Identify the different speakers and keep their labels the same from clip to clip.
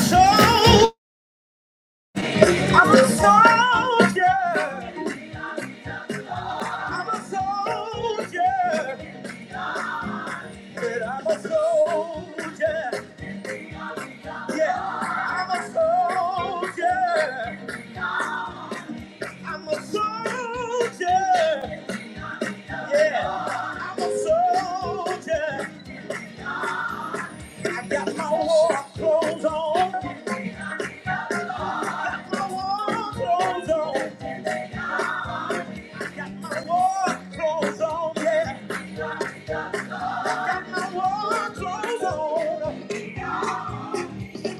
Speaker 1: So I'm a soldier. I'm a soldier. Yeah, I'm a soldier. I'm a soldier. Yeah, I'm a soldier. I got my war clothes on. My war clothes on. My war clothes on. Yeah, got my war clothes on.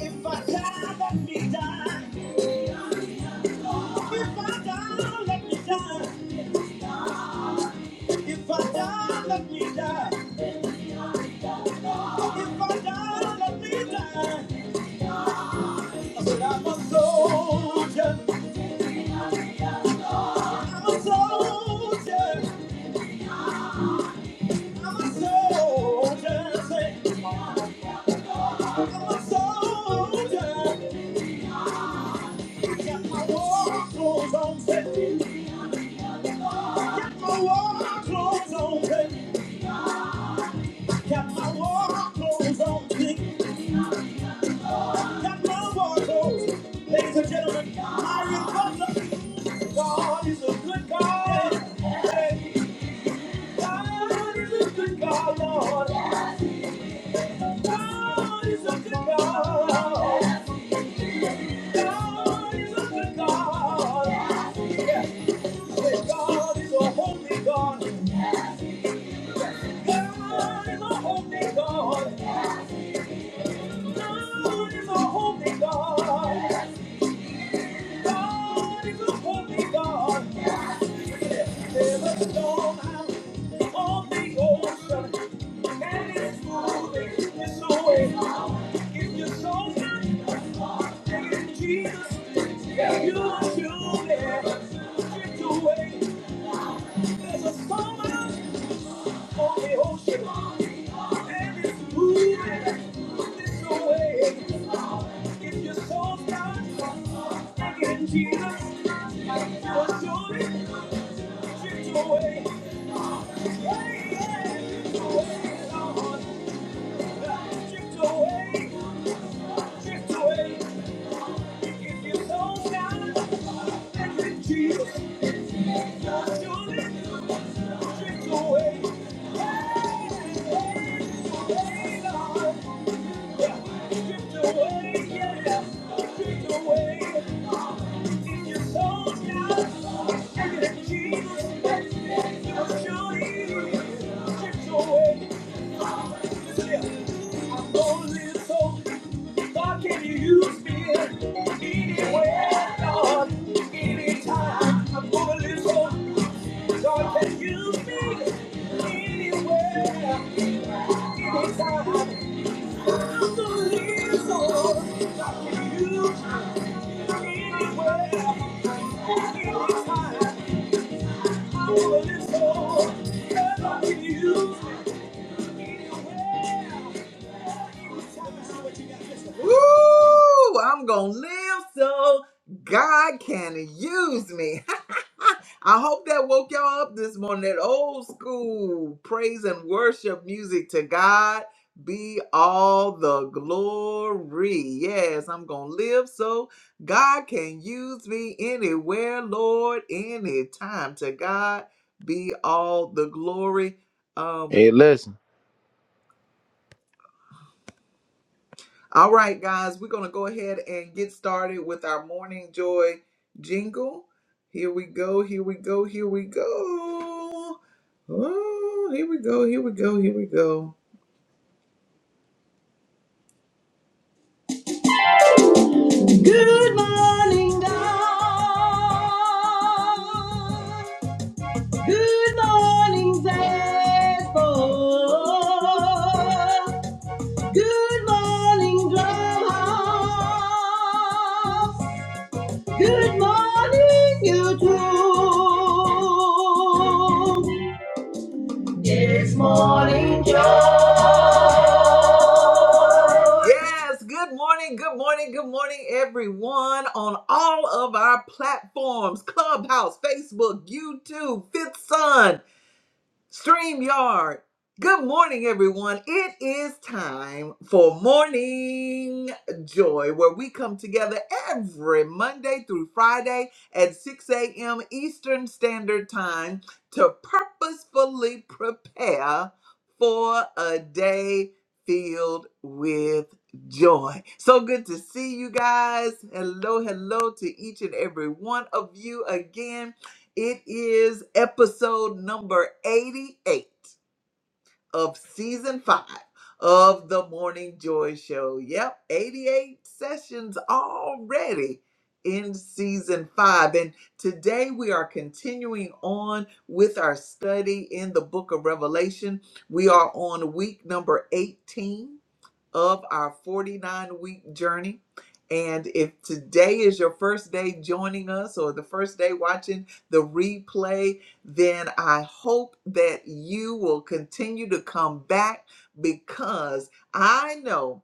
Speaker 1: If I die, let me die. If I die, let me die. If I die, let me die. If I die, let me die. I I'm a soldier. I'm a soldier. I'm a soldier. Say, I'm a soldier. Got my war clothes on. Say, got my war clothes on. Say, got my war clothes on. Say, Ladies and gentlemen, Myron Butler. God is a good God. Hey, God is a good God, Lord. God is a good God. God is a good God. Yeah. hey, God is a holy God. God is a holy God. God is a holy God. God is a holy God. Jesus, you'll surely drift away. Drift away, drift away. Away. Only so God can you use me anywhere, God, anytime. I'm only so God can use me anywhere, anytime. I'm only so God can use me anywhere, anytime. I'm only so God can use Woo! I'm gonna live so God can use me. I hope that woke y'all up this morning. That old school praise and worship music to God be all the glory. Yes, I'm gonna live so God can use me anywhere, Lord, anytime. To God be all the glory. Um.
Speaker 2: Hey, listen.
Speaker 1: All right, guys, we're going to go ahead and get started with our morning joy jingle. Here we go, here we go, here we go. Oh, here we go, here we go, here we go. Good morning, dawn. Good morning, faithful. Good morning, drum House. Good morning, YouTube. It's morning joy. Yes, good morning, good morning, good morning, everyone on all of our platforms Clubhouse, Facebook, YouTube, Fifth Sun. StreamYard. Good morning, everyone. It is time for Morning Joy, where we come together every Monday through Friday at 6 a.m. Eastern Standard Time to purposefully prepare for a day filled with joy. So good to see you guys. Hello, hello to each and every one of you again. It is episode number 88 of season five of the Morning Joy Show. Yep, 88 sessions already in season five. And today we are continuing on with our study in the book of Revelation. We are on week number 18 of our 49 week journey. And if today is your first day joining us or the first day watching the replay, then I hope that you will continue to come back because I know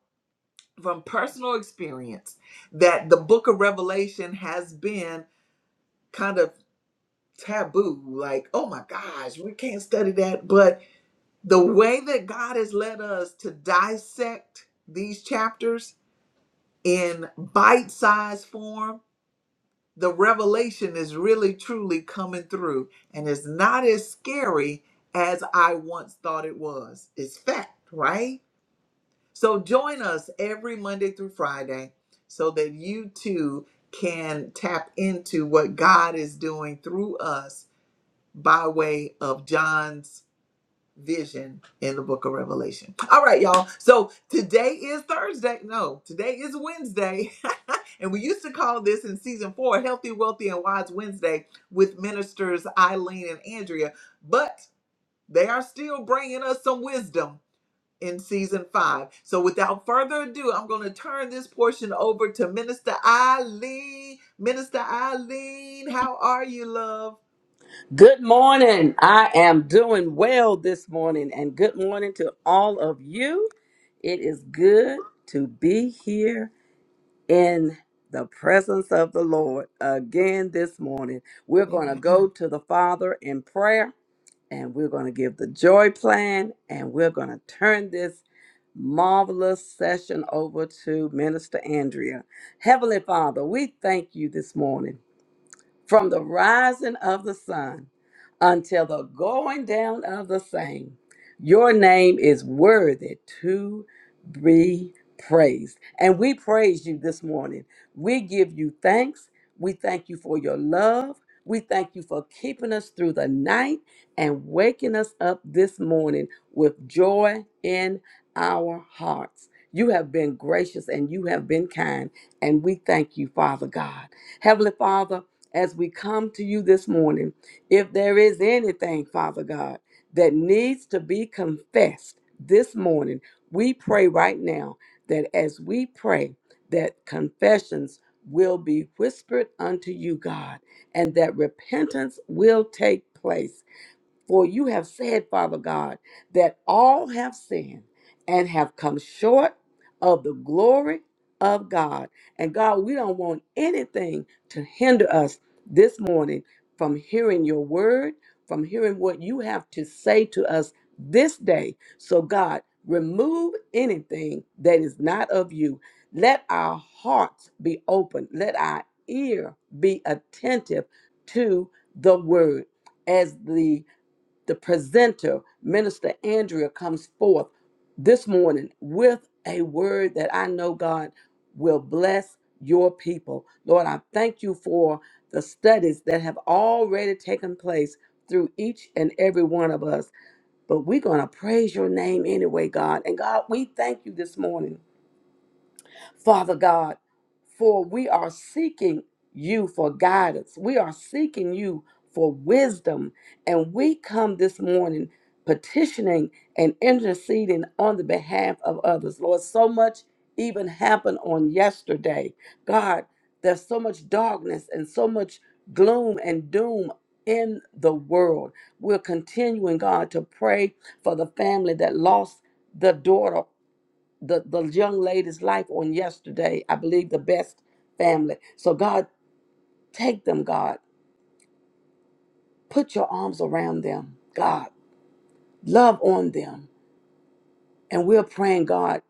Speaker 1: from personal experience that the book of Revelation has been kind of taboo. Like, oh my gosh, we can't study that. But the way that God has led us to dissect these chapters in bite sized form, the revelation is really truly coming through and it's not as scary as I once thought it was. It's fact, right? So join us every Monday through Friday so that you too can tap into what God is doing through us by way of John's vision in the book of Revelation. All right, y'all. So today is Thursday. No, today is Wednesday. and we used to call this in season four Healthy, Wealthy, and Wise Wednesday with ministers Eileen and Andrea. But they are still bringing us some wisdom in season five. So without further ado, I'm going to turn this portion over to Minister Eileen. Minister Eileen, how are you, love?
Speaker 3: Good morning. I am doing well this morning, and good morning to all of you. It is good to be here in the presence of the Lord again this morning. We're going to go to the Father in prayer, and we're going to give the joy plan, and we're going to turn this marvelous session over to Minister Andrea. Heavenly Father, we thank you this morning from the rising of the sun until the going down of the same. Your name is worthy to be praised. And we praise you this morning. We give you thanks. We thank you for your love. We thank you for keeping us through the night and waking us up this morning with joy in our hearts. You have been gracious and you have been kind. And we thank you, Father God. Heavenly Father, as we come to you this morning, if there is anything, Father God, that needs to be confessed this morning, we pray right now that as we pray, that confessions will be whispered unto you, God, and that repentance will take place. For you have said, Father God, that all have sinned and have come short of the glory of God. And God, we don't want anything to hinder us this morning from hearing your word, from hearing what you have to say to us this day. So, God, remove anything that is not of you. Let our hearts be open, let our ear be attentive to the word as the the presenter, Minister Andrea, comes forth this morning with a word that I know God will bless your people. Lord, I thank you for the studies that have already taken place through each and every one of us. But we're going to praise your name anyway, God. And God, we thank you this morning Father God, for we are seeking you for guidance. We are seeking you for wisdom. And we come this morning petitioning and interceding on the behalf of others. Lord, so much even happened on yesterday. God, there's so much darkness and so much gloom and doom in the world. We're continuing, God, to pray for the family that lost the daughter the, the young lady's life on yesterday. I believe the best family. So, God, take them, God. Put your arms around them, God. Love on them. And we're praying, God,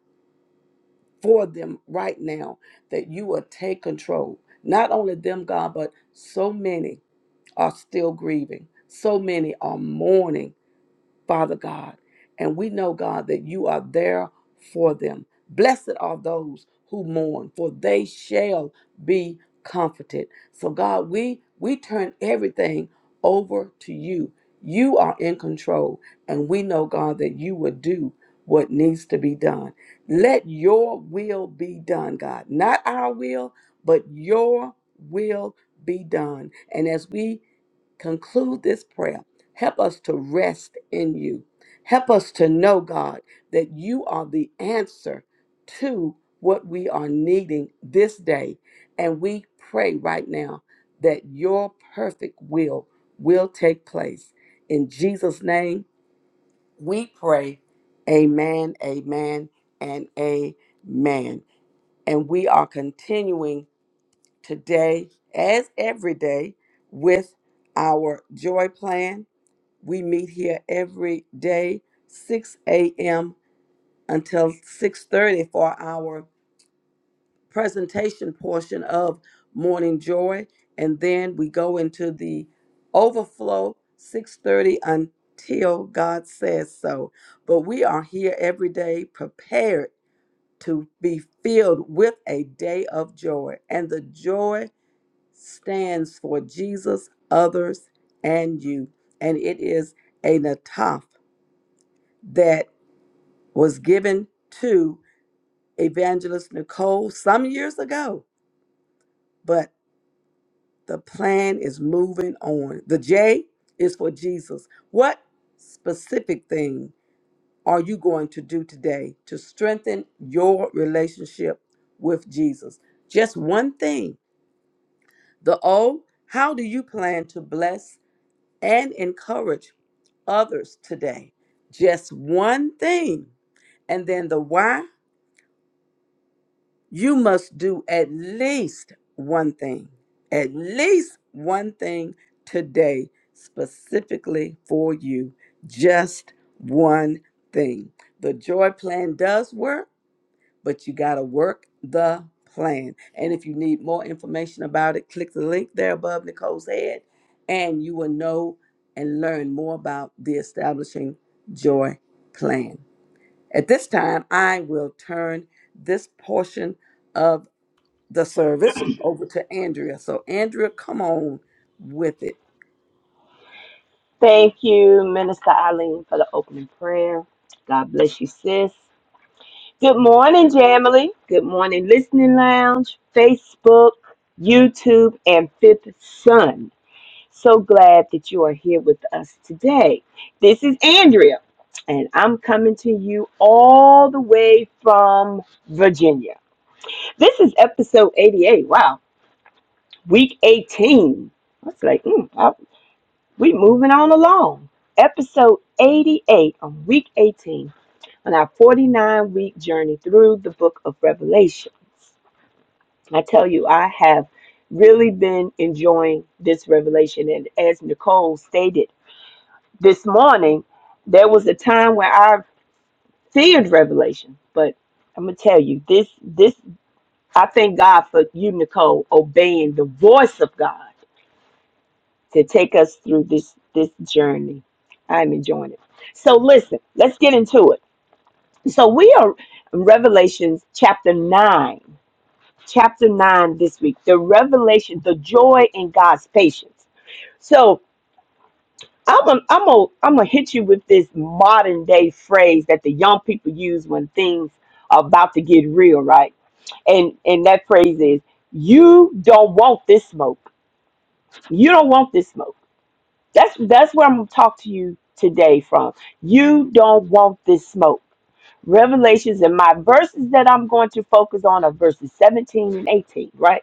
Speaker 3: for them right now that you will take control. Not only them, God, but so many are still grieving. So many are mourning Father God. And we know, God, that you are there for them. Blessed are those who mourn, for they shall be comforted. So, God, we we turn everything over to you. You are in control, and we know, God, that you will do what needs to be done. Let your will be done, God. Not our will, but your will be done. And as we conclude this prayer, Help us to rest in you. Help us to know, God, that you are the answer to what we are needing this day. And we pray right now that your perfect will will take place. In Jesus' name, we pray. Amen, amen, and amen. And we are continuing today, as every day, with our joy plan we meet here every day, 6 a.m. until 6:30 for our presentation portion of Morning Joy, and then we go into the overflow 6:30 until God says so. But we are here every day prepared to be filled with a day of joy, and the joy stands for Jesus, others, and you, and it is a nataf that was given to Evangelist Nicole some years ago, but the plan is moving on. The J is for Jesus. What specific thing are you going to do today to strengthen your relationship with Jesus? Just one thing. The O, how do you plan to bless and encourage others today? Just one thing. And then the why. you must do at least one thing, at least one thing today, specifically for you. Just one thing. The joy plan does work, but you got to work the plan. And if you need more information about it, click the link there above Nicole's head, and you will know and learn more about the Establishing Joy Plan. At this time, I will turn this portion of the service over to Andrea. So, Andrea, come on with it.
Speaker 4: Thank you, Minister Eileen, for the opening prayer. God bless you, sis. Good morning, Jamily. Good morning, Listening Lounge, Facebook, YouTube, and Fifth Son. So glad that you are here with us today. This is Andrea, and I'm coming to you all the way from Virginia. This is episode 88. Wow, week 18. I was like, mm, we moving on along. Episode 88 on week 18 on our 49 week journey through the book of Revelations. I tell you, I have really been enjoying this revelation. And as Nicole stated this morning, there was a time where I feared revelation, but I'm gonna tell you this this I thank God for you, Nicole, obeying the voice of God to take us through this this journey. I'm enjoying it. So listen, let's get into it. So we are in Revelations chapter 9. Chapter 9 this week. The revelation, the joy in God's patience. So I'm gonna I'm gonna I'm gonna hit you with this modern day phrase that the young people use when things are about to get real, right? And and that phrase is you don't want this smoke. You don't want this smoke That's that's where I'm gonna talk to you today from. You don't want this smoke. Revelations and my verses that I'm going to focus on are verses 17 and 18, right?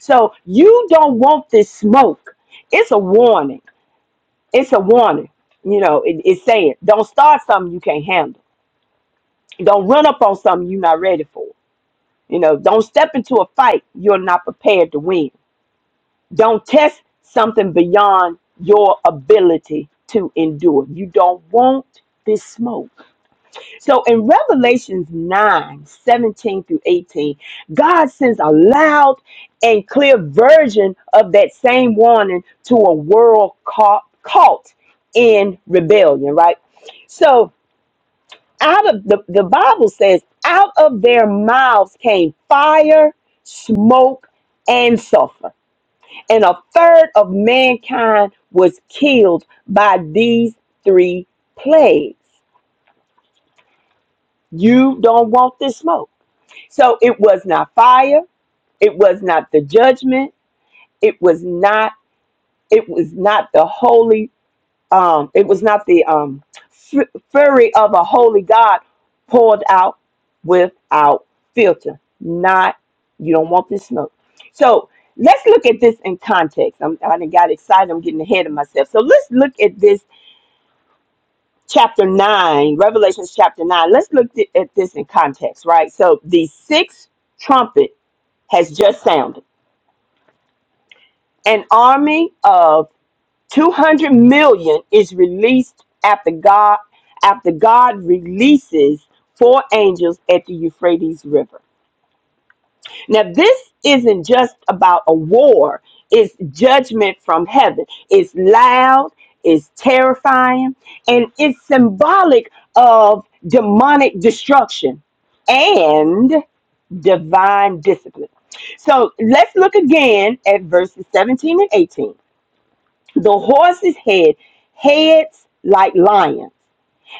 Speaker 4: So you don't want this smoke. It's a warning. It's a warning. You know, it, it's saying don't start something you can't handle. Don't run up on something you're not ready for. You know, don't step into a fight you're not prepared to win Don't test something beyond your ability to endure. You don't want this smoke. So in Revelations 9 17 through 18, God sends a loud and clear version of that same warning to a world caught, caught in rebellion, right? So out of the, the Bible says, out of their mouths came fire, smoke, and sulfur and a third of mankind was killed by these three plagues. You don't want this smoke. So it was not fire, it was not the judgment, it was not it was not the holy um, it was not the um, fu- fury of a holy God poured out without filter. Not, you don't want this smoke. So let's look at this in context. I'm, I done got excited. I'm getting ahead of myself. So let's look at this chapter 9, Revelations chapter 9. Let's look th- at this in context, right? So the sixth trumpet has just sounded. An army of 200 million is released after God after God releases four angels at the Euphrates River. Now this isn't just about a war, it's judgment from heaven. It's loud, it's terrifying, and it's symbolic of demonic destruction and divine discipline. So let's look again at verses 17 and 18. The horses head heads like lions,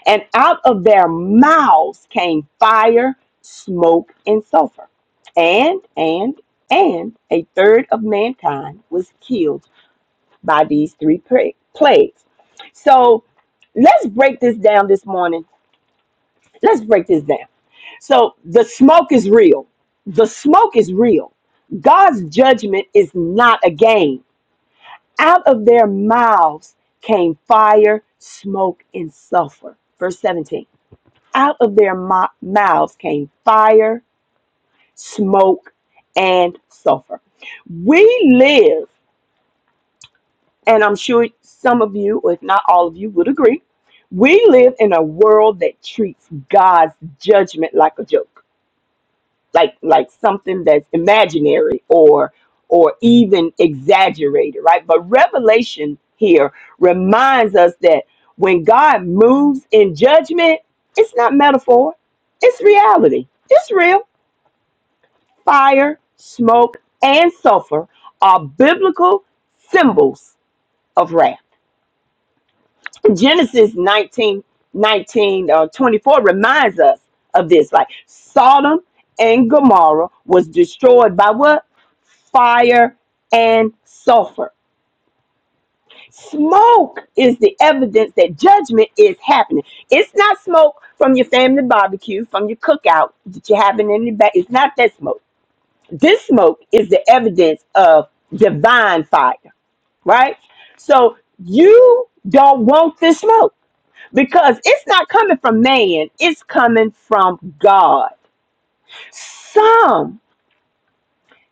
Speaker 4: and out of their mouths came fire, smoke, and sulfur. And, and, and a third of mankind was killed by these three plagues. So let's break this down this morning. Let's break this down. So the smoke is real. The smoke is real. God's judgment is not a game. Out of their mouths came fire, smoke, and sulfur. Verse 17. Out of their mo- mouths came fire, smoke, and sulfur. We live, and I'm sure some of you, or if not all of you, would agree, we live in a world that treats God's judgment like a joke. like like something that's imaginary or or even exaggerated, right? But revelation here reminds us that when God moves in judgment, it's not metaphor, it's reality. It's real. Fire, smoke, and sulfur are biblical symbols of wrath Genesis 19, nineteen, uh, 24 reminds us of this. Like Sodom and Gomorrah was destroyed by what? Fire and sulfur. Smoke is the evidence that judgment is happening. It's not smoke from your family barbecue, from your cookout that you're having in the back. It's not that smoke. This smoke is the evidence of divine fire, right? So you don't want this smoke because it's not coming from man, it's coming from God. Some,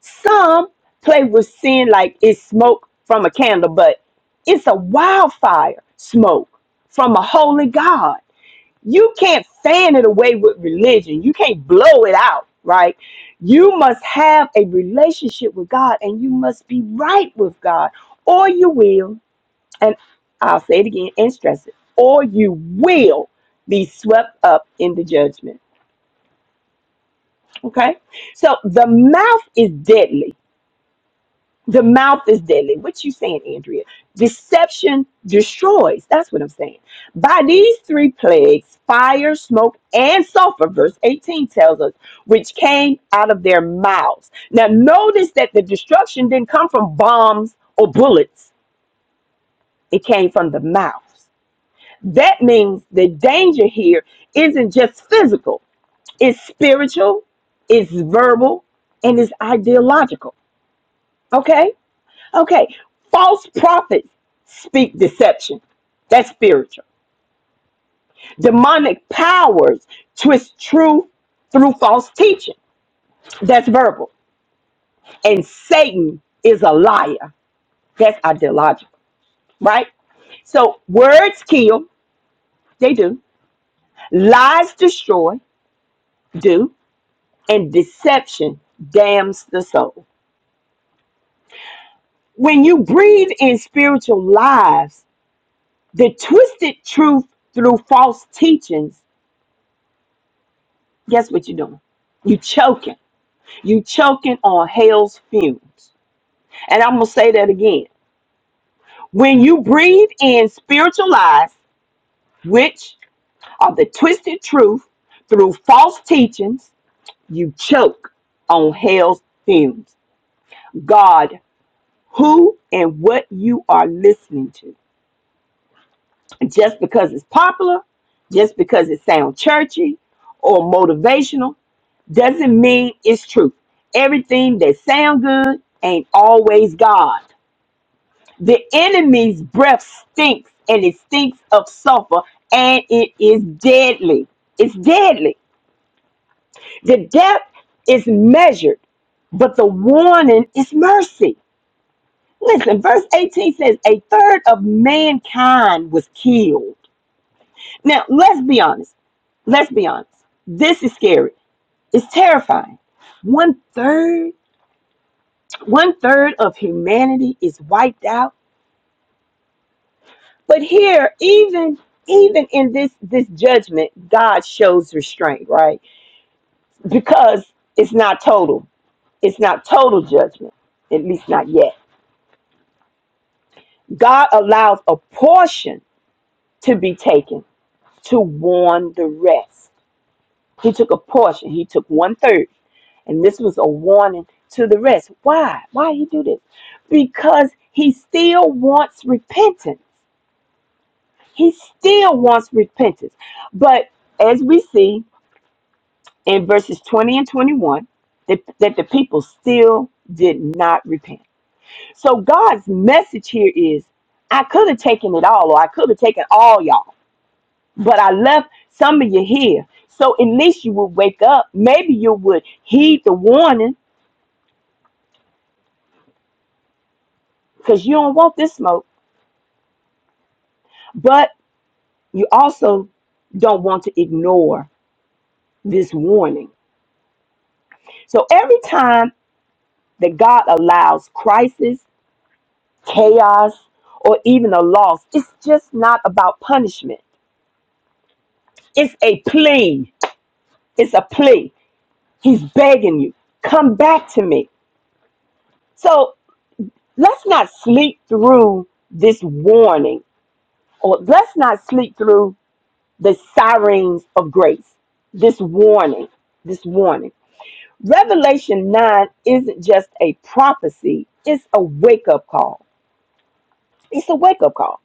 Speaker 4: some play with sin like it's smoke from a candle, but it's a wildfire smoke from a holy God. You can't fan it away with religion, you can't blow it out, right? You must have a relationship with God and you must be right with God, or you will and I'll say it again and stress it, or you will be swept up in the judgment. Okay? So the mouth is deadly. The mouth is deadly. What you saying, Andrea? Deception destroys. That's what I'm saying. By these three plagues, fire, smoke, and sulfur, verse 18 tells us, which came out of their mouths. Now notice that the destruction didn't come from bombs or bullets. It came from the mouths. That means the danger here isn't just physical, it's spiritual, it's verbal, and it's ideological. Okay? Okay. False prophets speak deception. That's spiritual. Demonic powers twist truth through false teaching. That's verbal. And Satan is a liar. That's ideological, right? So words kill, they do. Lies destroy, do. and deception damns the soul. When you breathe in spiritual lives, the twisted truth through false teachings, guess what you're doing? You choking. You choking on hell's fumes. And I'm gonna say that again. When you breathe in spiritual lies, which are the twisted truth through false teachings, you choke on hell's fumes. God, who and what you are listening to just because it's popular, just because it sounds churchy or motivational, doesn't mean it's truth. Everything that sounds good ain't always God. The enemy's breath stinks and it stinks of sulfur and it is deadly. It's deadly. The death is measured, but the warning is mercy. Listen, verse 18 says, A third of mankind was killed. Now, let's be honest Let's be honest. This is scary. It's terrifying. One third, one third of humanity is wiped out. But here, even even in this this judgment, God shows restraint, right? Because it's not total. It's not total judgment, at least not yet. God allows a portion to be taken to warn the rest. He took a portion, he took one third. And this was a warning to the rest. Why? Why did he do this? Because he still wants repentance. He still wants repentance. But as we see in verses 20 and 21, that, that the people still did not repent. So God's message here is I could have taken it all, or I could have taken all y'all. but I left some of you here. So at least you would wake up. Maybe you would heed the warning because you don't want this smoke, but you also don't want to ignore this warning. So every time that God allows crisis, chaos, or even a loss, it's just not about punishment. It's a plea. It's a plea. He's begging you, come back to me. So let's not sleep through this warning Or let's not sleep through the sirens of grace. This warning, this warning. Revelation 9 isn't just a prophecy, it's a wake up call. It's a wake up call.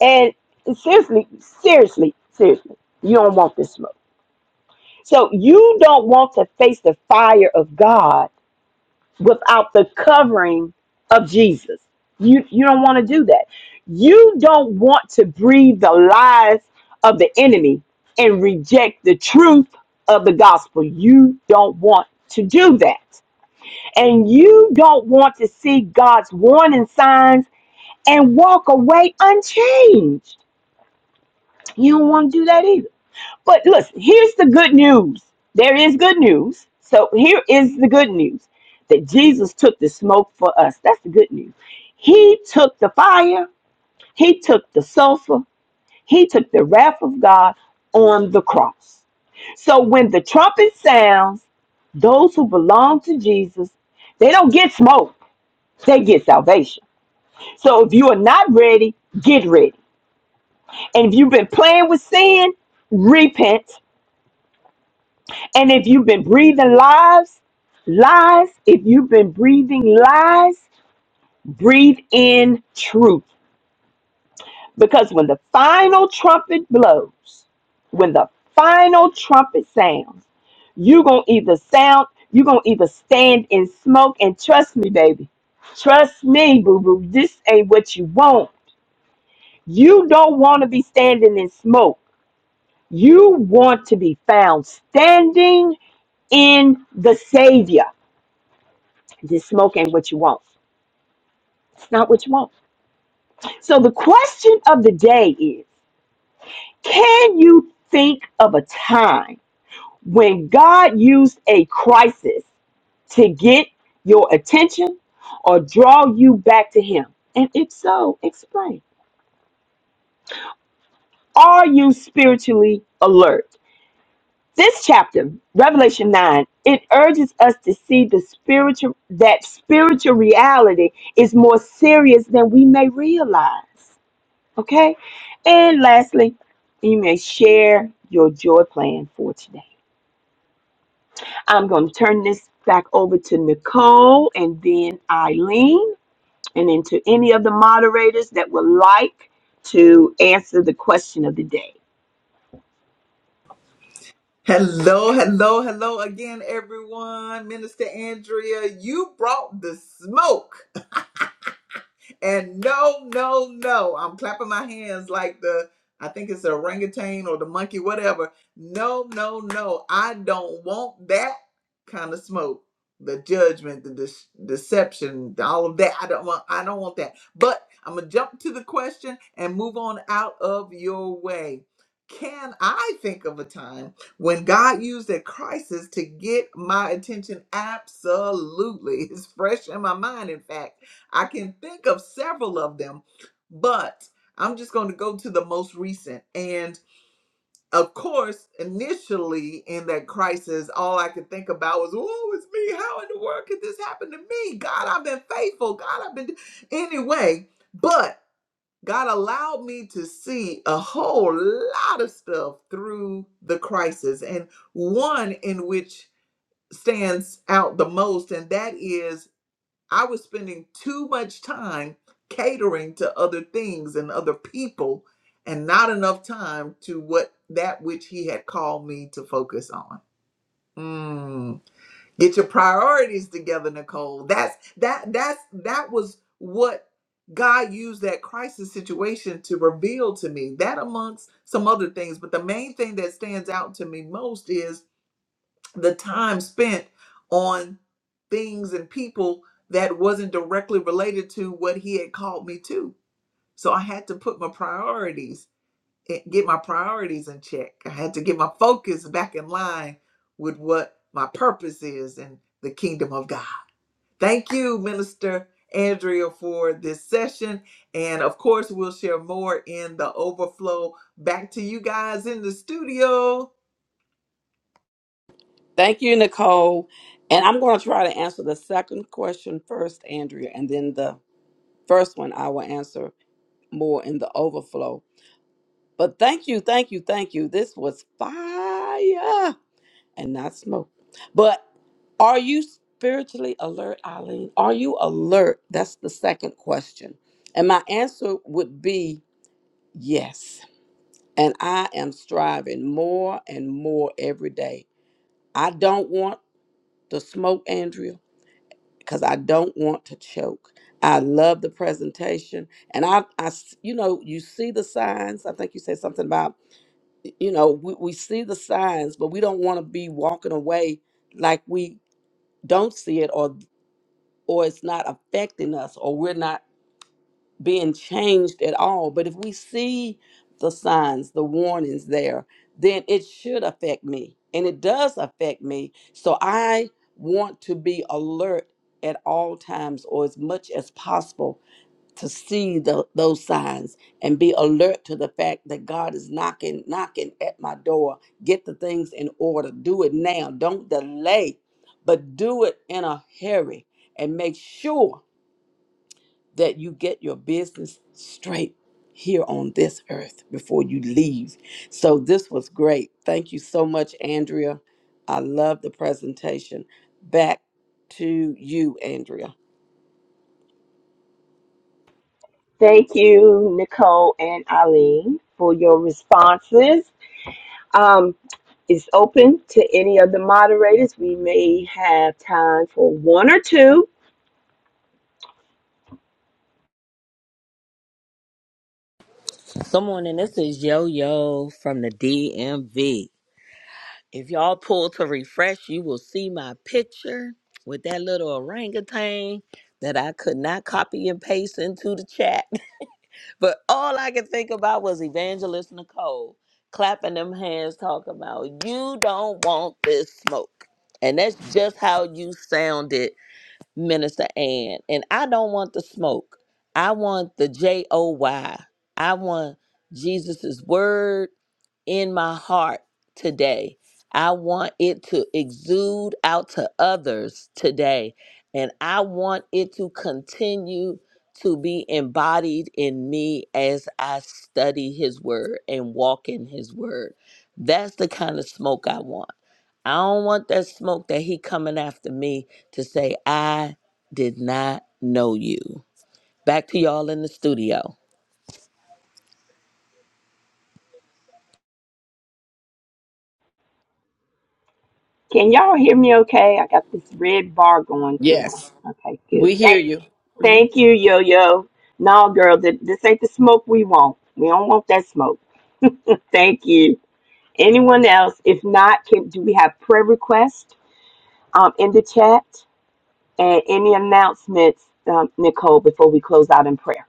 Speaker 4: And seriously, seriously, seriously, you don't want this smoke. So you don't want to face the fire of God without the covering of Jesus. You you don't want to do that. You don't want to breathe the lies of the enemy and reject the truth of the gospel. You don't want to do that. And you don't want to see God's warning signs and walk away unchanged. You don't want to do that either. But listen, here's the good news. There is good news. So here is the good news that Jesus took the smoke for us. That's the good news. He took the fire, he took the sulfur, he took the wrath of God on the cross. So when the trumpet sounds, those who belong to Jesus, they don't get smoke, they get salvation. So if you are not ready, get ready. And if you've been playing with sin, repent And if you've been breathing lies, lies, if you've been breathing lies, breathe in truth. Because when the final trumpet blows, when the final trumpet sounds, you're going to either sound, you're going to either stand in smoke. And trust me, baby, trust me, boo boo, this ain't what you want. You don't want to be standing in smoke. You want to be found standing in the Savior Just smoke ain't what you want. It's not what you want. So the question of the day is can you think of a time when God used a crisis to get your attention or draw you back to Him? And if so, explain. Are you spiritually alert? This chapter, Revelation 9, it urges us to see the spiritual that spiritual reality is more serious than we may realize. Okay. And lastly, you may share your joy plan for today. I'm going to turn this back over to Nicole and then Eileen, and then to any of the moderators that would like to answer the question of the day.
Speaker 1: Hello, hello, hello again, everyone. Minister Andrea, you brought the smoke and no, no, no. I'm clapping my hands like the I think it's the orangutan or the monkey, whatever. No, no, no. I don't want that kind of smoke. The judgment, the de- deception, all of that. I don't want. I don't want that. But I'm gonna jump to the question and move on out of your way. Can I think of a time when God used a crisis to get my attention? Absolutely, it's fresh in my mind. In fact. I can think of several of them, but I'm just going to go to the most recent. And of course, initially in that crisis, all I could think about was, oh, it's me. How in the world could this happen to me? God, I've been faithful. God, I've been. Anyway, but God allowed me to see a whole lot of stuff through the crisis. And one in which stands out the most, and that is I was spending too much time catering to other things and other people and not enough time to what that which he had called me to focus on. Mm. Get your priorities together, Nicole. That's that that's that was what God used that crisis situation to reveal to me. That amongst some other things, but the main thing that stands out to me most is the time spent on things and people that wasn't directly related to what he had called me to. So I had to put my priorities, eh, get my priorities in check. I had to get my focus back in line with what my purpose is in the kingdom of God. Thank you, Minister Andrea, for this session. And of course, we'll share more in the overflow. Back to you guys in the studio.
Speaker 3: Thank you, Nicole. And I'm going to try to answer the second question first, Andrea, and then the first one I will answer more in the overflow. But thank you, thank you, thank you. This was fire and not smoke. But are you spiritually alert, Eileen? Are you alert? That's the second question. And my answer would be yes. and I am striving more and more every day. I don't want the smoke, Andrea, because I don't want to choke. I love the presentation, and I, I s- you know, you see the signs. I think you said something about, you know, we, we see the signs, but we don't want to be walking away like we don't see it, or or it's not affecting us, or we're not. being changed at all. But if we see the signs, the warnings there, then it should affect me. And it does affect me. So I want to be alert at all times or as much as possible to see the, those signs and be alert to the fact that God is knocking, knocking at my door. Get the things in order. Do it now. Don't delay, but do it in a hurry and make sure that you get your business straight here on this earth before you leave. So this was great. Thank you so much, Andrea. I love the presentation. Back to you, Andrea.
Speaker 4: Thank you, Nicole and Eileen, for your responses. Um, it's open to any of the moderators. We may have time for one or two
Speaker 5: Someone, and this is Yo Yo from the DMV. If y'all pull to refresh, you will see my picture with that little orangutan that I could not copy and paste into the chat. But all I could think about was Evangelist Nicole clapping them hands, talking about, You don't want this smoke. And that's just how you sounded Minister Ann. And I don't want the smoke. I want the J O Y. I want Jesus' word in my heart today. I want it to exude out to others today. And I want it to continue to be embodied in me as I study his word and walk in his word. That's the kind of smoke I want. I don't want that smoke that he coming after me to say I did not know you. Back to y'all in the studio.
Speaker 4: Can y'all hear me okay? I got this red bar going through my.
Speaker 3: Yes.
Speaker 4: Okay,
Speaker 3: We
Speaker 4: good.
Speaker 3: hear
Speaker 4: Thank,
Speaker 3: you. Mhm.
Speaker 4: thank you, Yo Yo. No, girl, th- this ain't the smoke we want. We don't want that smoke. Thank you. Anyone else? If not, can, do we have prayer requests um, in the chat and any announcements, um, Nicole, before we close out in prayer?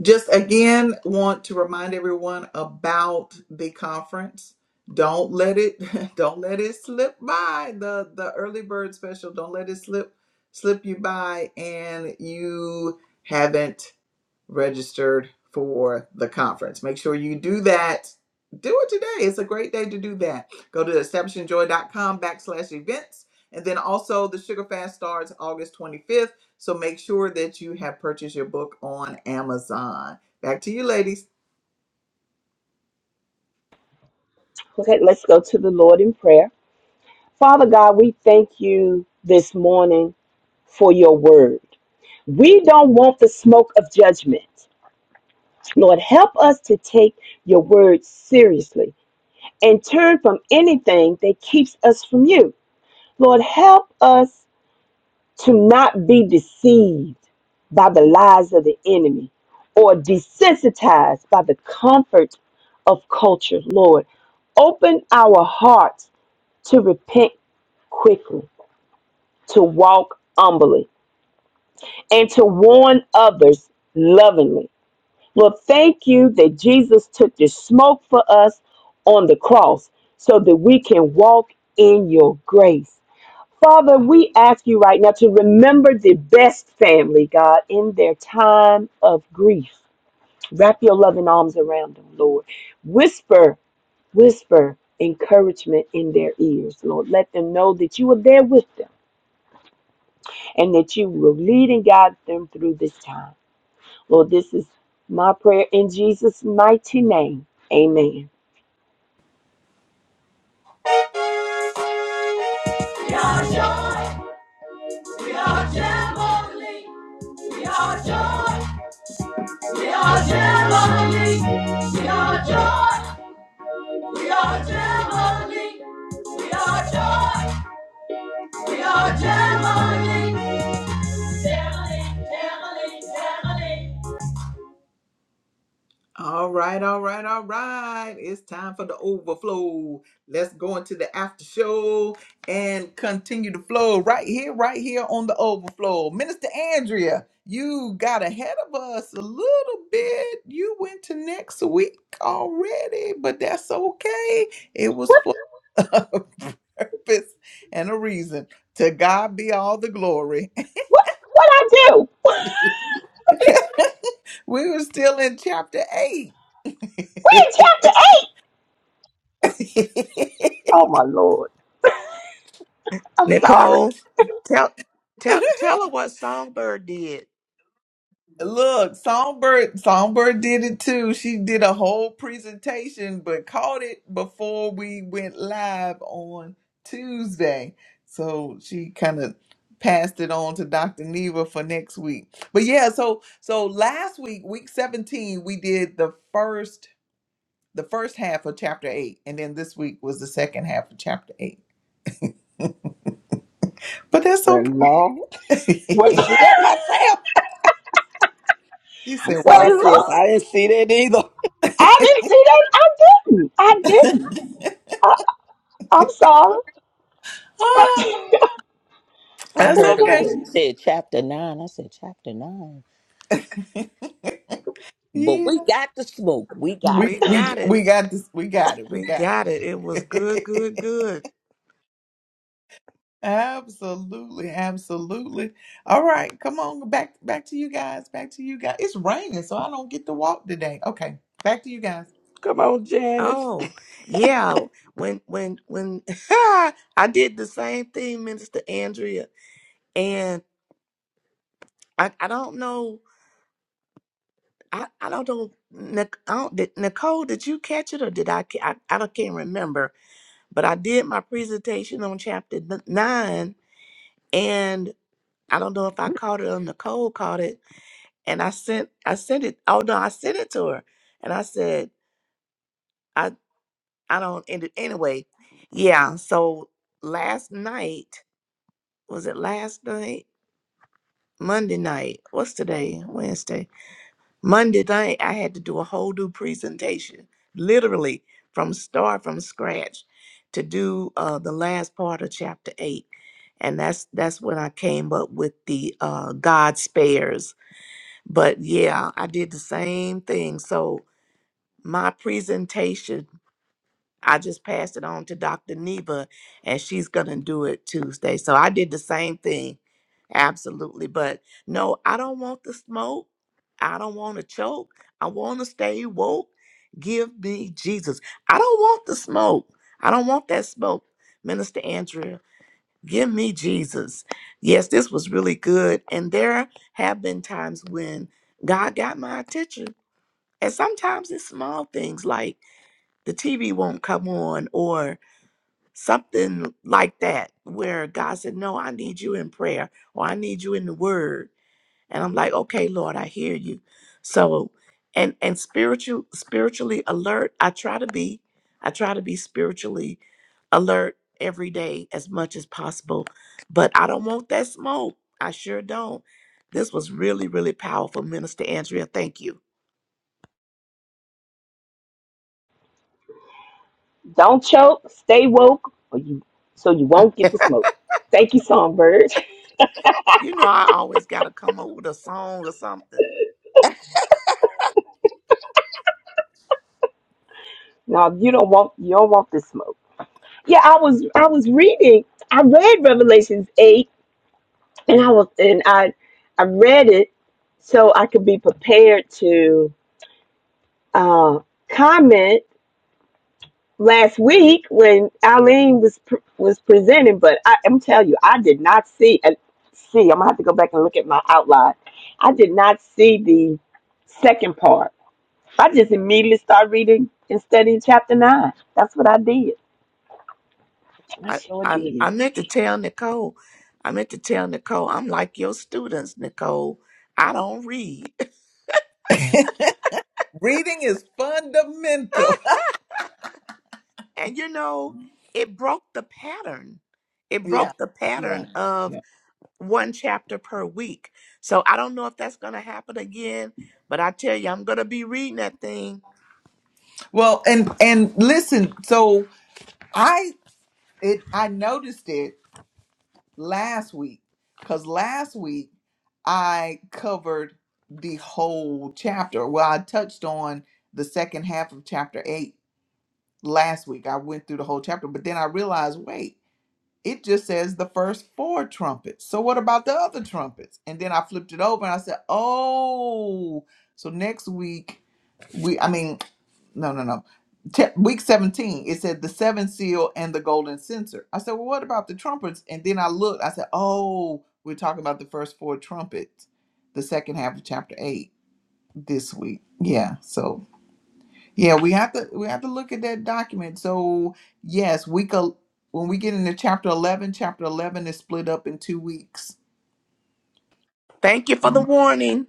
Speaker 1: Just again, want to remind everyone about the conference. Don't let it don't let it slip by the the early bird special. Don't let it slip slip you by and you haven't registered for the conference. Make sure you do that. Do it today. It's a great day to do that. Go to establishingjoy.com backslash events. And then also the Sugar Fast starts August 25th. So make sure that you have purchased your book on Amazon. Back to you, ladies.
Speaker 4: Okay, let's go to the Lord in prayer. Father God, we thank you this morning for your word. We don't want the smoke of judgment. Lord, help us to take your word seriously and turn from anything that keeps us from you. Lord, help us to not be deceived by the lies of the enemy or desensitized by the comfort of culture. Lord, open our hearts to repent quickly, to walk humbly, and to warn others lovingly. Lord, thank you that Jesus took the smoke for us on the cross so that we can walk in your grace. Father, we ask you right now to remember the best family, God, in their time of grief. Wrap your loving arms around them, Lord. Whisper, whisper encouragement in their ears, Lord. Let them know that you are there with them and that you will lead and guide them through this time. Lord, this is my prayer in Jesus' mighty name. Amen.
Speaker 1: We are joy. We are Jamboree. We are joy. We are Jamboree. We are joy. We are Jamboree. We are joy. All right, all right, all right. It's time for the overflow. Let's go into the after show and continue to flow right here, right here on the overflow. Minister Andrea, you got ahead of us a little bit. You went to next week already, but that's okay. It was for a purpose and a reason. To God be all the glory.
Speaker 4: What what I do? We
Speaker 1: We were still in chapter eight.
Speaker 4: in chapter eight. Oh my Lord. I'm sorry.
Speaker 6: Nicole, tell tell tell her what Songbird did.
Speaker 1: Look, Songbird Songbird did it too. She did a whole presentation but caught it before we went live on Tuesday. So she kind of passed it on to Dr. Neva for next week. But yeah, so so last week, week 17, we did the first the first half of chapter 8 and then this week was the second half of chapter 8. But that's
Speaker 3: Well, no, I
Speaker 1: okay.
Speaker 4: What
Speaker 3: didn't see that myself.
Speaker 1: She
Speaker 3: I'm
Speaker 1: said,
Speaker 4: well
Speaker 1: "Well,
Speaker 3: sorry, sis.
Speaker 4: look,
Speaker 3: I didn't see that either.
Speaker 4: I didn't see that. I didn't. I didn't. I, I'm sorry.
Speaker 1: Ah,
Speaker 5: I
Speaker 1: That's
Speaker 5: heard it when
Speaker 1: okay.
Speaker 4: okay.
Speaker 5: she said chapter nine. I said chapter nine. But
Speaker 1: yeah,
Speaker 5: we got the smoke. We got
Speaker 1: we
Speaker 5: it.
Speaker 6: We
Speaker 1: we
Speaker 6: got it.
Speaker 1: we got this. We got it. We
Speaker 6: We
Speaker 1: got
Speaker 6: got it. It was good, good,
Speaker 1: it.
Speaker 6: good.
Speaker 1: absolutely, absolutely. All right, come on, back back to you guys. Back to you guys. It's raining, so I don't get to walk today. Okay, back to you guys.
Speaker 3: Come on, Janice.
Speaker 6: Oh, yeah. When when when I did the same thing, Minister Andrea, and I, I don't know. I, I don't know. Nic- I don't, did, Nicole, did you catch it or did I, ca- I? I don't- can't remember. But I did my presentation on chapter n- nine, and I don't know if I caught it or Nicole caught it and I sent I sent it. Oh no, I sent it to her, and I said I I don't. And it- anyway, yeah. So last night was it last night? Monday night. What's today? Wednesday. Monday night. I had to do a whole new presentation, literally from start from scratch, to do uh, the last part of chapter eight, and that's that's when I came up with the uh, God spares. But yeah, I did the same thing. So my presentation i just passed it on to dr neva and she's gonna do it tuesday so i did the same thing absolutely but no i don't want the smoke i don't want to choke i want to stay woke give me jesus i don't want the smoke i don't want that smoke minister andrea give me jesus yes this was really good and there have been times when god got my attention and sometimes it's small things like the TV won't come on or something like that where God said, No, I need you in prayer or I need you in the word. And I'm like, okay, Lord, I hear you. So and and spiritual spiritually alert, I try to be. I try to be spiritually alert every day as much as possible. But I don't want that smoke. I sure don't. This was really, really powerful, Minister Andrea. Thank you.
Speaker 4: Don't choke. Stay woke, or you so you won't get the smoke. Thank you, Songbird.
Speaker 6: You know I always gotta come up with a song or something
Speaker 4: Now you don't want you don't want the smoke. Yeah, I was I was reading. I read Revelations eight and I was and I I read it so I could be prepared to uh, comment last week when Eileen was pr- was presenting. But I, I'm telling you, I did not see and see. I'm gonna have to go back and look at my outline. I did not see the second part. I just immediately started reading and studying chapter nine. That's what I did. I
Speaker 6: I,
Speaker 4: sure
Speaker 6: I
Speaker 4: did.
Speaker 6: I meant to tell Nicole. I meant to tell Nicole, I'm like your students, Nicole. I don't read.
Speaker 1: Reading is fundamental.
Speaker 6: And you know, it broke the pattern. It
Speaker 1: yeah,
Speaker 6: broke the
Speaker 1: yeah,
Speaker 6: pattern of
Speaker 1: yeah.
Speaker 6: one chapter per week. So I don't know if that's going to happen again, but I tell you, I'm going to be reading that thing.
Speaker 1: Well, and and listen. So I it I noticed it last week because last week I covered the whole chapter. Well, I touched on the second half of chapter eight last week. I went through the whole chapter, but then I realized wait, it just says the first four trumpets. So, what about the other trumpets? And then I flipped it over and I said, oh, so next week. We, I mean, no, no, no. Te- week 17, it said the seven seal and the golden censer. I said, well, what about the trumpets? And then I looked, I said, oh, we're talking about the first four trumpets, the second half of chapter eight this week. Yeah. So yeah, we have to, we have to look at that document. So yes, week, el- when we get into chapter 11, chapter 11 is split up in two weeks.
Speaker 6: Thank you for the
Speaker 1: Um,
Speaker 6: warning.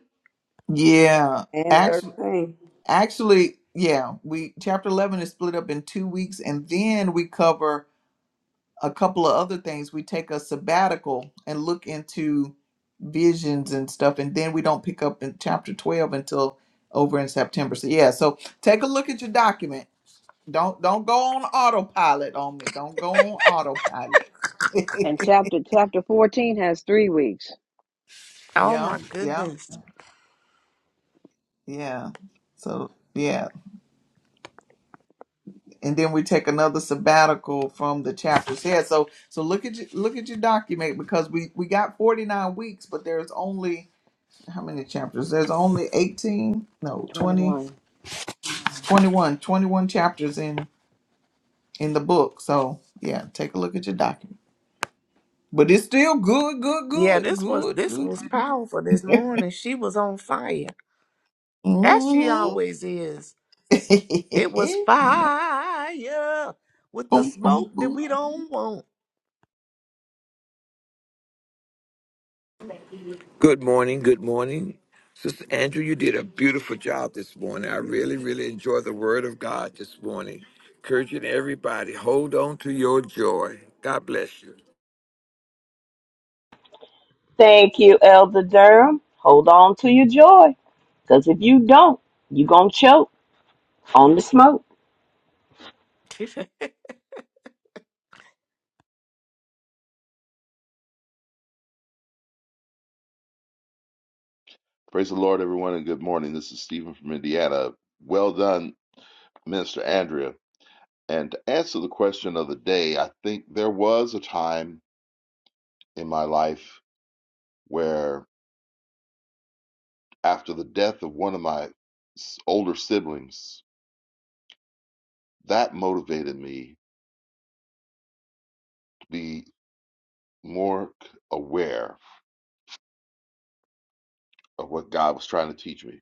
Speaker 1: yeah.
Speaker 3: And
Speaker 1: Actually,
Speaker 3: 13.
Speaker 1: actually, yeah, we, chapter 11 is split up in two weeks and then we cover a couple of other things. We take a sabbatical and look into visions and stuff, and then we don't pick up in chapter twelve until over in September. So yeah, so take a look at your document. Don't don't go on autopilot on me. Don't go on autopilot.
Speaker 7: And chapter chapter 14 has three weeks.
Speaker 6: Oh
Speaker 1: yeah,
Speaker 6: my
Speaker 1: yeah,
Speaker 6: goodness.
Speaker 1: yeah. So yeah, and then we take another sabbatical from the chapters. Yeah, so so look at your, look at your document because we we got forty nine weeks, but there's only how many chapters? There's only 18, no, 20,
Speaker 7: 21.
Speaker 1: 21, 21 chapters in in the book. So, yeah, take a look at your document. But it's still good, good,
Speaker 6: Yeah,
Speaker 1: good,
Speaker 6: this was
Speaker 1: good,
Speaker 6: this
Speaker 1: good.
Speaker 6: was powerful this morning. She was on fire. As she
Speaker 1: Mm-hmm.
Speaker 6: always is. It was fire with the smoke that we don't want.
Speaker 8: Good morning. Good morning. Sister Andrew, you did a beautiful job this morning. I really, really enjoy the word of God this morning. Encouraging everybody, hold on to your joy. God bless you.
Speaker 4: Thank you, Elder Durham. Hold on to your joy, because if you don't, you're going to choke. on the smoke.
Speaker 9: Praise the Lord, everyone, and good morning. This is Stephen from Indiana. Well done, Minister Andrea. And to answer the question of the day, I think there was a time in my life where, after the death of one of my s- older siblings, that motivated me to be more c- aware of what God was trying to teach me.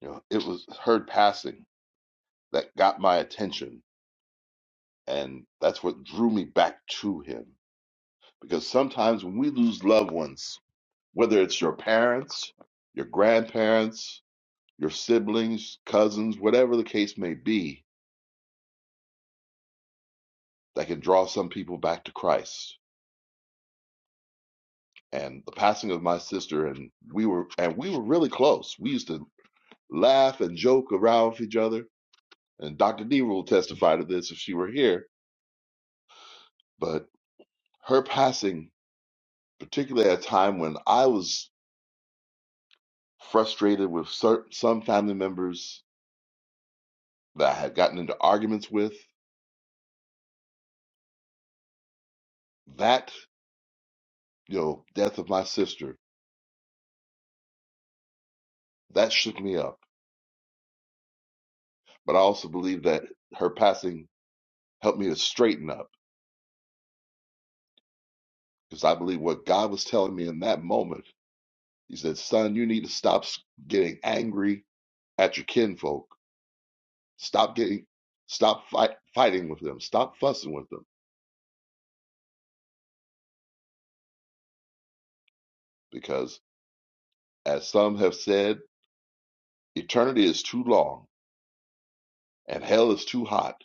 Speaker 9: You know, it was her passing that got my attention, and that's what drew me back to Him. Because sometimes when we lose loved ones, whether it's your parents, your grandparents, your siblings, cousins, whatever the case may be, that can draw some people back to Christ. And the passing of my sister and we were and we were really close. We used to laugh and joke around with each other. And Dr. Deaver will testify to this if she were here. But her passing, particularly at a time when I was frustrated with certain, some family members that I had gotten into arguments with, that you know death of my sister That shook me up. But I also believe that her passing helped me to straighten up because I believe what God was telling me in that moment. He said, "Son, you need to stop s- getting angry at your kinfolk. Stop getting, stop fight, fighting with them. Stop fussing with them because, as some have said, eternity is too long and hell is too hot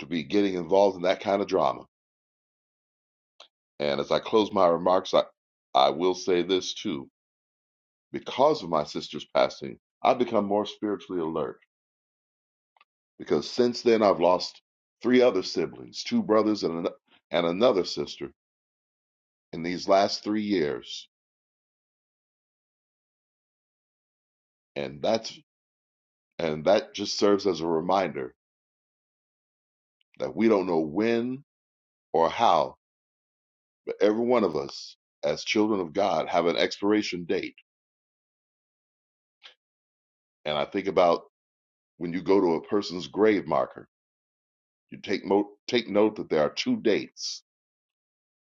Speaker 9: to be getting involved in that kind of drama." And as I close my remarks, I, I will say this too Because of my sister's passing, I've become more spiritually alert because since then I've lost three other siblings, two brothers and an, and another sister in these last 3 years. And that's and that just serves as a reminder that we don't know when or how, but every one of us as children of God have an expiration date. And I think about when you go to a person's grave marker, you take mo- take note that there are two dates,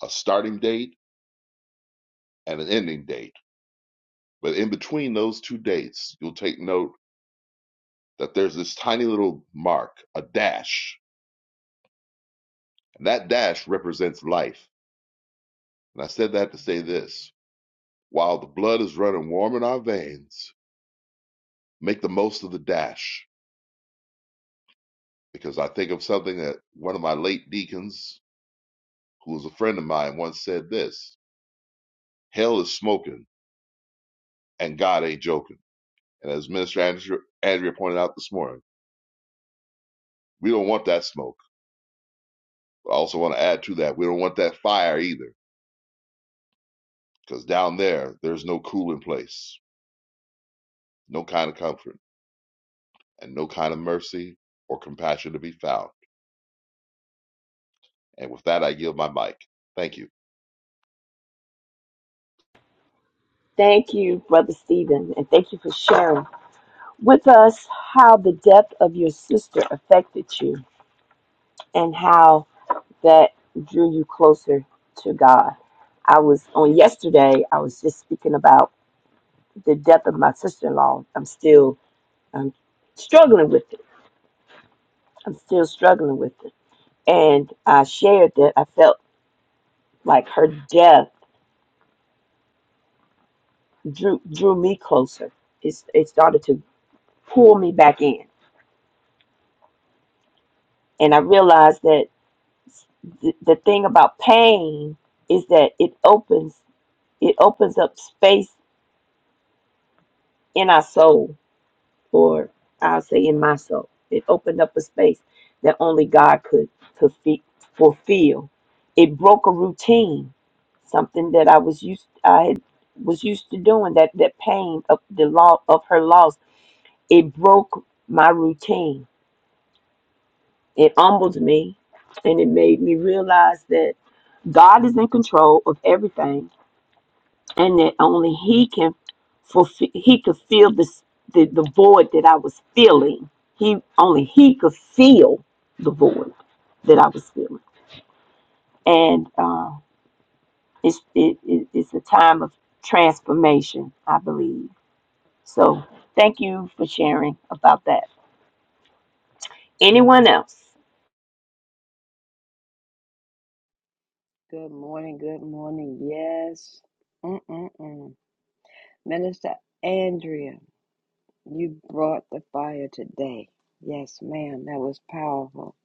Speaker 9: a starting date and an ending date But in between those two dates, you'll take note that there's this tiny little mark, a dash, and that dash represents life. And I said that to say this while the blood is running warm in our veins, make the most of the dash. Because I think of something that one of my late deacons, who was a friend of mine, once said this Hell is smoking, and God ain't joking. And as Minister Andrew, Andrea pointed out this morning, we don't want that smoke. But I also want to add to that, we don't want that fire either Because down there, there's no cooling place, no kind of comfort, and no kind of mercy or compassion to be found. And with that, I yield my mic. Thank you.
Speaker 4: Thank you, Brother Stephen, and thank you for sharing with us how the death of your sister affected you and how that drew you closer to God. I was on yesterday, I was just speaking about the death of my sister in law. I'm still I'm struggling with it. I'm still struggling with it. And I shared that I felt like her death drew drew me closer. It's, it started to pull me back in. And I realized that the, the thing about pain is that it opens it opens up space in our soul or i'll say in my soul it opened up a space that only god could fulfi- fulfill it broke a routine something that i was used i had, was used to doing that that pain of the law of her loss it broke my routine it humbled me and it made me realize that god is in control of everything and that only he can fulfill he could feel this the, the void that i was feeling he only he could feel the void that i was feeling and uh, it's it, it, it's a time of transformation i believe so thank you for sharing about that anyone else
Speaker 7: Good morning. Good morning. Yes. Mm-mm-mm. Minister Andrea, you brought the fire today. Yes, ma'am. That was powerful.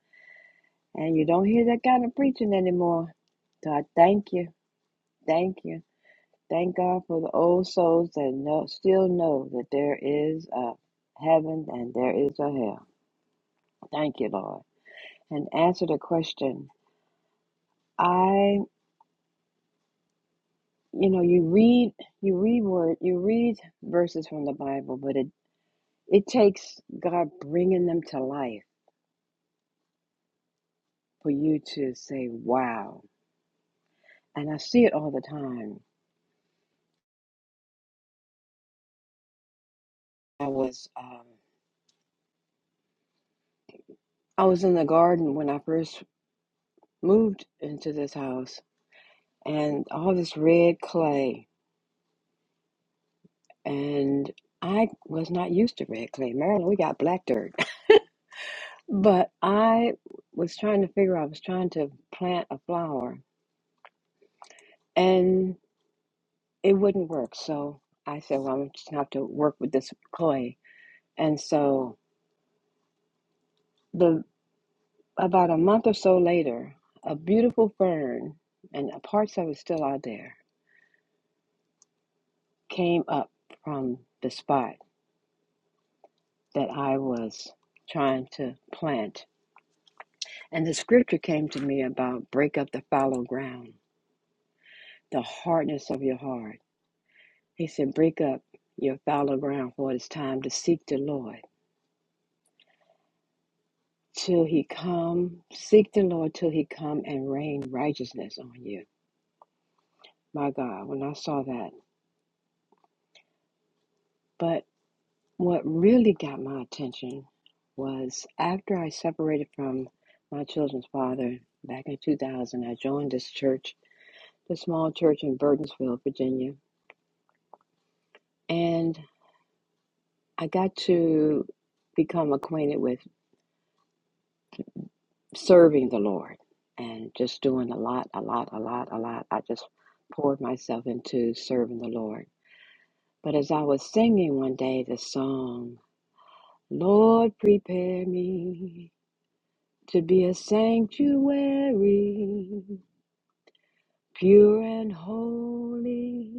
Speaker 7: And you don't hear that kind of preaching anymore. So I thank you. Thank you. Thank God for the old souls that know, still know that there is a heaven and there is a hell. Thank you, Lord. And answer the question. I. you know you read you read word you read verses from the bible but it it takes god bringing them to life for you to say wow and i see it all the time i was um i was in the garden when i first moved into this house and all this red clay and i was not used to red clay maryland we got black dirt but i was trying to figure i was trying to plant a flower and it wouldn't work. So I said, well, I'm just gonna have to work with this clay. And so the about a month or so later, a beautiful fern and uh, parts of it still out there came up from the spot that I was trying to plant. And the scripture came to me about break up the fallow ground, the hardness of your heart. He said, break up your fallow ground for it is time to seek the Lord. till he come. Seek the Lord till he come and rain righteousness on you. My God, when I saw that. But what really got my attention was after I separated from my children's father back in 2000, I joined this church, the small church in Burtonsville, Virginia. And I got to become acquainted with serving the Lord and just doing a lot, a lot, a lot, a lot. I just poured myself into serving the Lord But as I was singing one day the song, Lord, prepare me to be a sanctuary, pure and holy,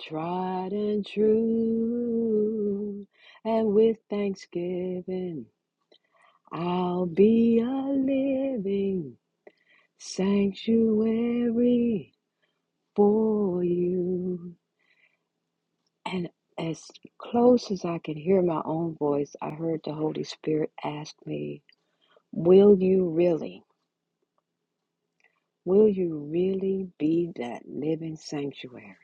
Speaker 7: tried and true. And with thanksgiving, I'll be a living sanctuary for you. And as close as I could hear my own voice, I heard the Holy Spirit ask me, Will you really, will you really be that living sanctuary?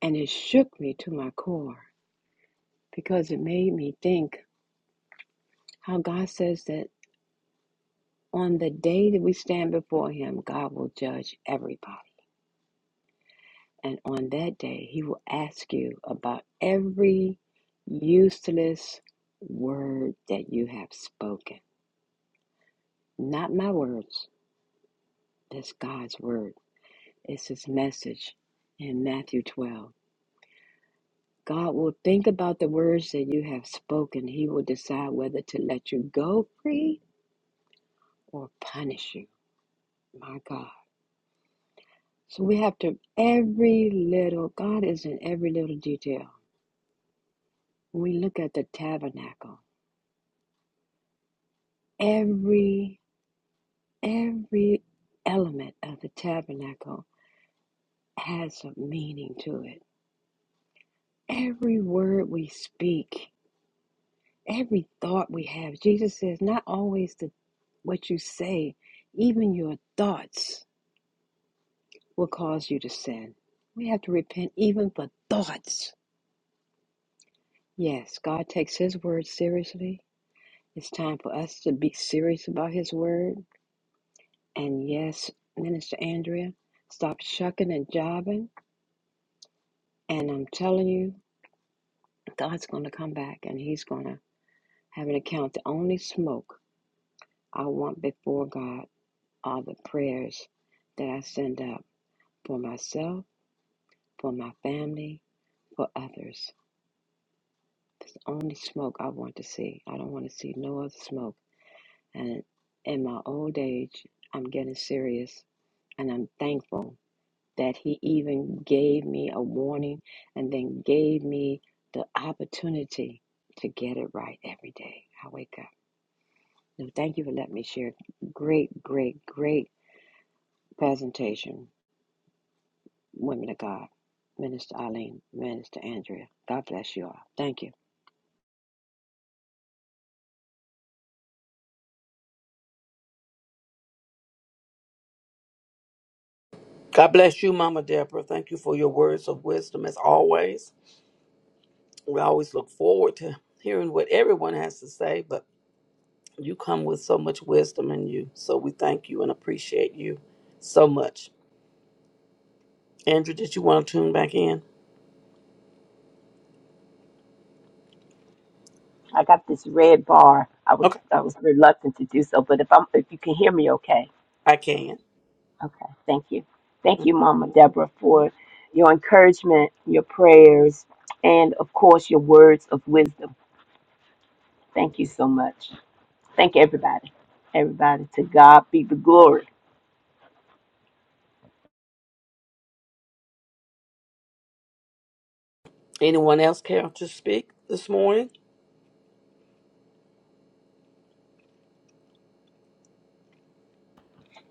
Speaker 7: And it shook me to my core because it made me think how God says that on the day that we stand before Him, God will judge everybody. And on that day, He will ask you about every useless word that you have spoken. Not my words That's God's word. It's his message in Matthew 12. God will think about the words that you have spoken. He will decide whether to let you go free or punish you. My God. So we have to, every little, God is in every little detail. When we look at the tabernacle, every, every element of the tabernacle has a meaning to it. Every word we speak Every thought we have, Jesus says, not always the, what you say, even your thoughts will cause you to sin. We have to repent even for thoughts. Yes, God takes His word seriously. It's time for us to be serious about His word. And yes, Minister Andrea, stop shucking and jiving. And I'm telling you, God's going to come back and He's going to have an account. The only smoke I want before God are the prayers that I send out. for myself, for my family, for others. It's the only smoke I want to see. I don't want to see no other smoke. And in my old age, I'm getting serious and I'm thankful that he even gave me a warning and then gave me the opportunity to get it right every day. I wake up. So thank you for letting me share. Great, great, great presentation, women of God. Minister Eileen, Minister Andrea. God bless you all. Thank you.
Speaker 3: God bless you, Mama Deborah. Thank you for your words of wisdom as always. We always look forward to hearing what everyone has to say, but you come with so much wisdom in you. So we thank you and appreciate you so much. Andrew, did you want to tune back in?
Speaker 4: i got this red bar i was
Speaker 3: Okay,
Speaker 4: i was reluctant to do so but if i'm if you can hear me okay
Speaker 3: I can.
Speaker 4: Okay, thank you. Thank you, Mama Deborah,
Speaker 3: Mhm.
Speaker 4: for your encouragement, your prayers, and of course, your words of wisdom. Thank you so much. Thank everybody. Everybody, to God be the glory.
Speaker 3: Anyone else care to speak this morning?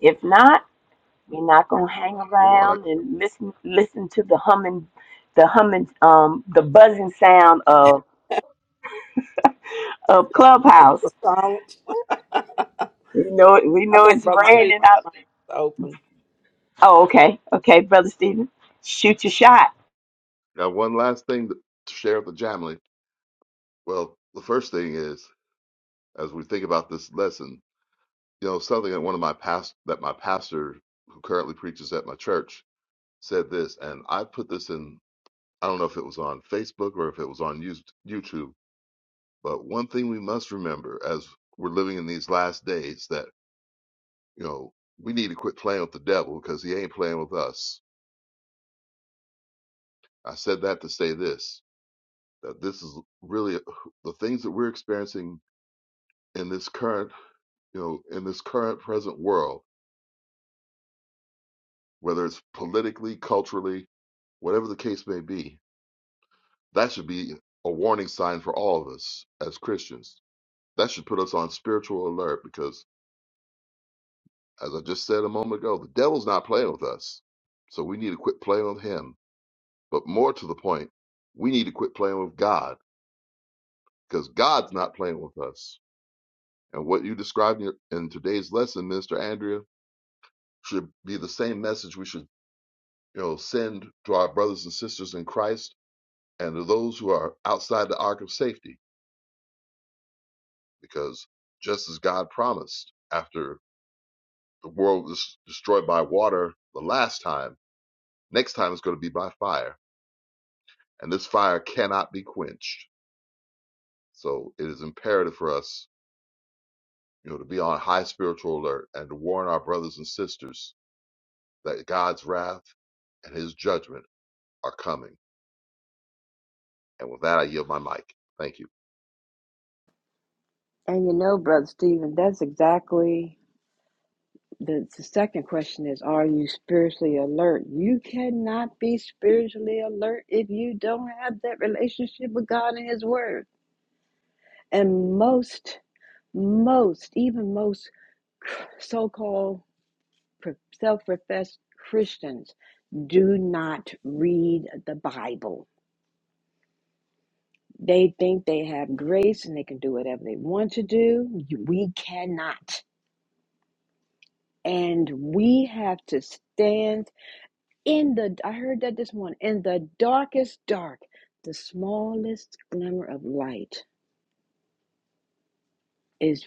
Speaker 4: If not, we're not gonna hang
Speaker 9: Hold on. I
Speaker 4: around and listen listen to the humming, the humming, um, the buzzing sound of of Clubhouse.
Speaker 3: I
Speaker 4: We know it. We know
Speaker 3: think
Speaker 4: it's
Speaker 3: Brother Steve's
Speaker 4: raining out.
Speaker 3: open.
Speaker 4: Oh, okay, okay, brother Stephen, shoot your shot.
Speaker 9: got one last thing to share with the Jamily. Well, the first thing is, as we think about this lesson, you know, something that one of my past that my pastor who currently preaches at my church said this, and I put this in, I don't know if it was on Facebook or if it was on YouTube, but one thing we must remember as we're living in these last days that You know, we need to quit playing with the devil because he ain't playing with us. I said that to say this that this is really the things that we're experiencing in this current, you know, in this current present world, whether it's politically, culturally, whatever the case may be, that should be a warning sign for all of us as Christians. That should put us on spiritual alert because, as I just said a moment ago, the devil's not playing with us. So we need to quit playing with him. But more to the point, we need to quit playing with God because God's not playing with us. And what you described in today's lesson, Minister Andrea, should be the same message we should, you know, send to our brothers and sisters in Christ and to those who are outside the ark of safety, because just as God promised, after the world was destroyed by water the last time, next time it's going to be by fire, and this fire cannot be quenched. So it is imperative for us, you know, to be on high spiritual alert and to warn our brothers and sisters that God's wrath and his judgment are coming. And with that, I yield my mic. Thank you.
Speaker 7: And you know, Brother Stephen, that's exactly the, the second question is Are you spiritually alert? You cannot be spiritually alert if you don't have that relationship with God and His Word. And most, most, even most so called self professed Christians do not read the Bible. They think they have grace and they can do whatever they want to do. We cannot. And we have to stand In the, I heard that this morning, in the darkest dark, the smallest glimmer of light is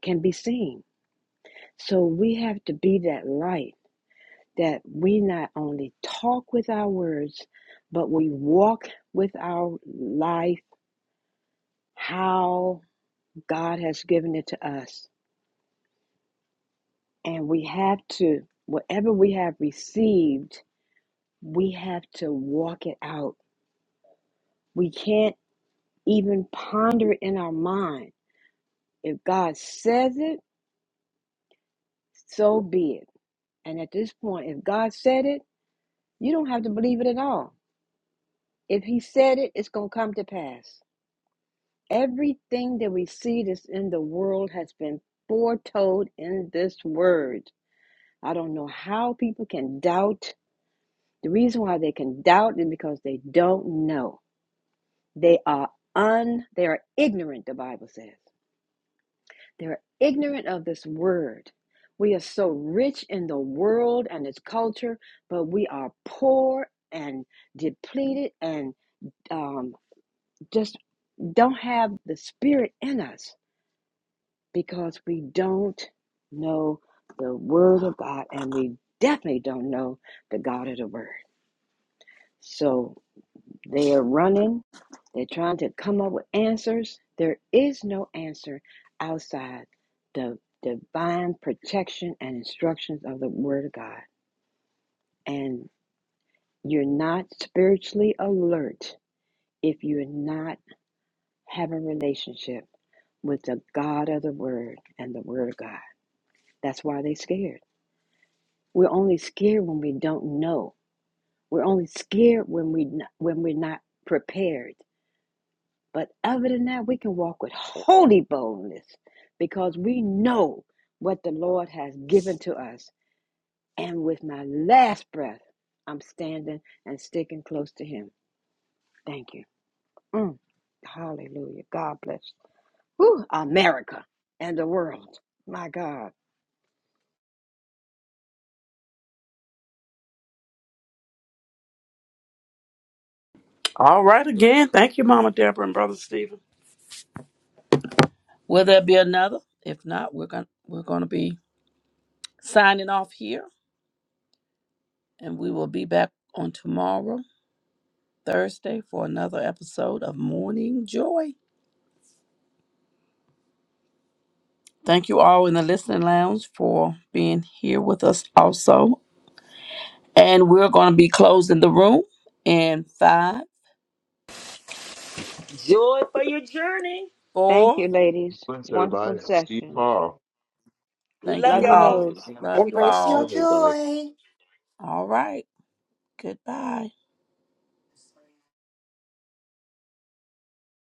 Speaker 7: can be seen. So we have to be that light that we not only talk with our words, but we walk with our life how God has given it to us. And we have to, whatever we have received, we have to walk it out. We can't even ponder it in our mind If God says it, so be it. And at this point, if God said it, you don't have to believe it at all. If He said it, it's going to come to pass. Everything that we see that's in the world has been foretold in this word. I don't know how people can doubt. The reason why they can doubt is because they don't know. They are un they are ignorant, the Bible says. They're ignorant of this word. We are so rich in the world and its culture, but we are poor and depleted and um, just don't have the spirit in us because we don't know the word of God and we definitely don't know the God of the word. So They are running. They're trying to come up with answers. There is no answer outside the divine protection and instructions of the Word of God. And you're not spiritually alert if you're not having a relationship with the God of the Word and the Word of God. That's why they're scared. We're only scared when we don't know. We're only scared when we when we're not prepared. But other than that, we can walk with holy boldness because we know what the Lord has given to us. And with my last breath, I'm standing and sticking close to Him. Thank you. Mm. Hallelujah. God bless whew, America and the world. My God.
Speaker 3: All right, again, thank you, Mama Deborah and Brother Stephen. Will there be another? If not, we're going to we're going to be signing off here and we will be back on tomorrow, Thursday for another episode of Morning Joy. Thank you all in the listening lounge for being here with us also. And we're going to be closing the room in 5
Speaker 5: Joy for your journey.
Speaker 7: Thank
Speaker 3: 4.
Speaker 7: you, ladies.
Speaker 9: Bless
Speaker 7: Wonderful
Speaker 9: everybody. Steve
Speaker 7: session.
Speaker 9: Paul.
Speaker 3: Thank
Speaker 5: Love
Speaker 3: you
Speaker 7: Love you,
Speaker 5: y'all.
Speaker 3: all.
Speaker 7: loads.
Speaker 3: Love you
Speaker 10: Embrace your
Speaker 3: all.
Speaker 9: Love everybody.
Speaker 10: joy.
Speaker 3: All right. Goodbye.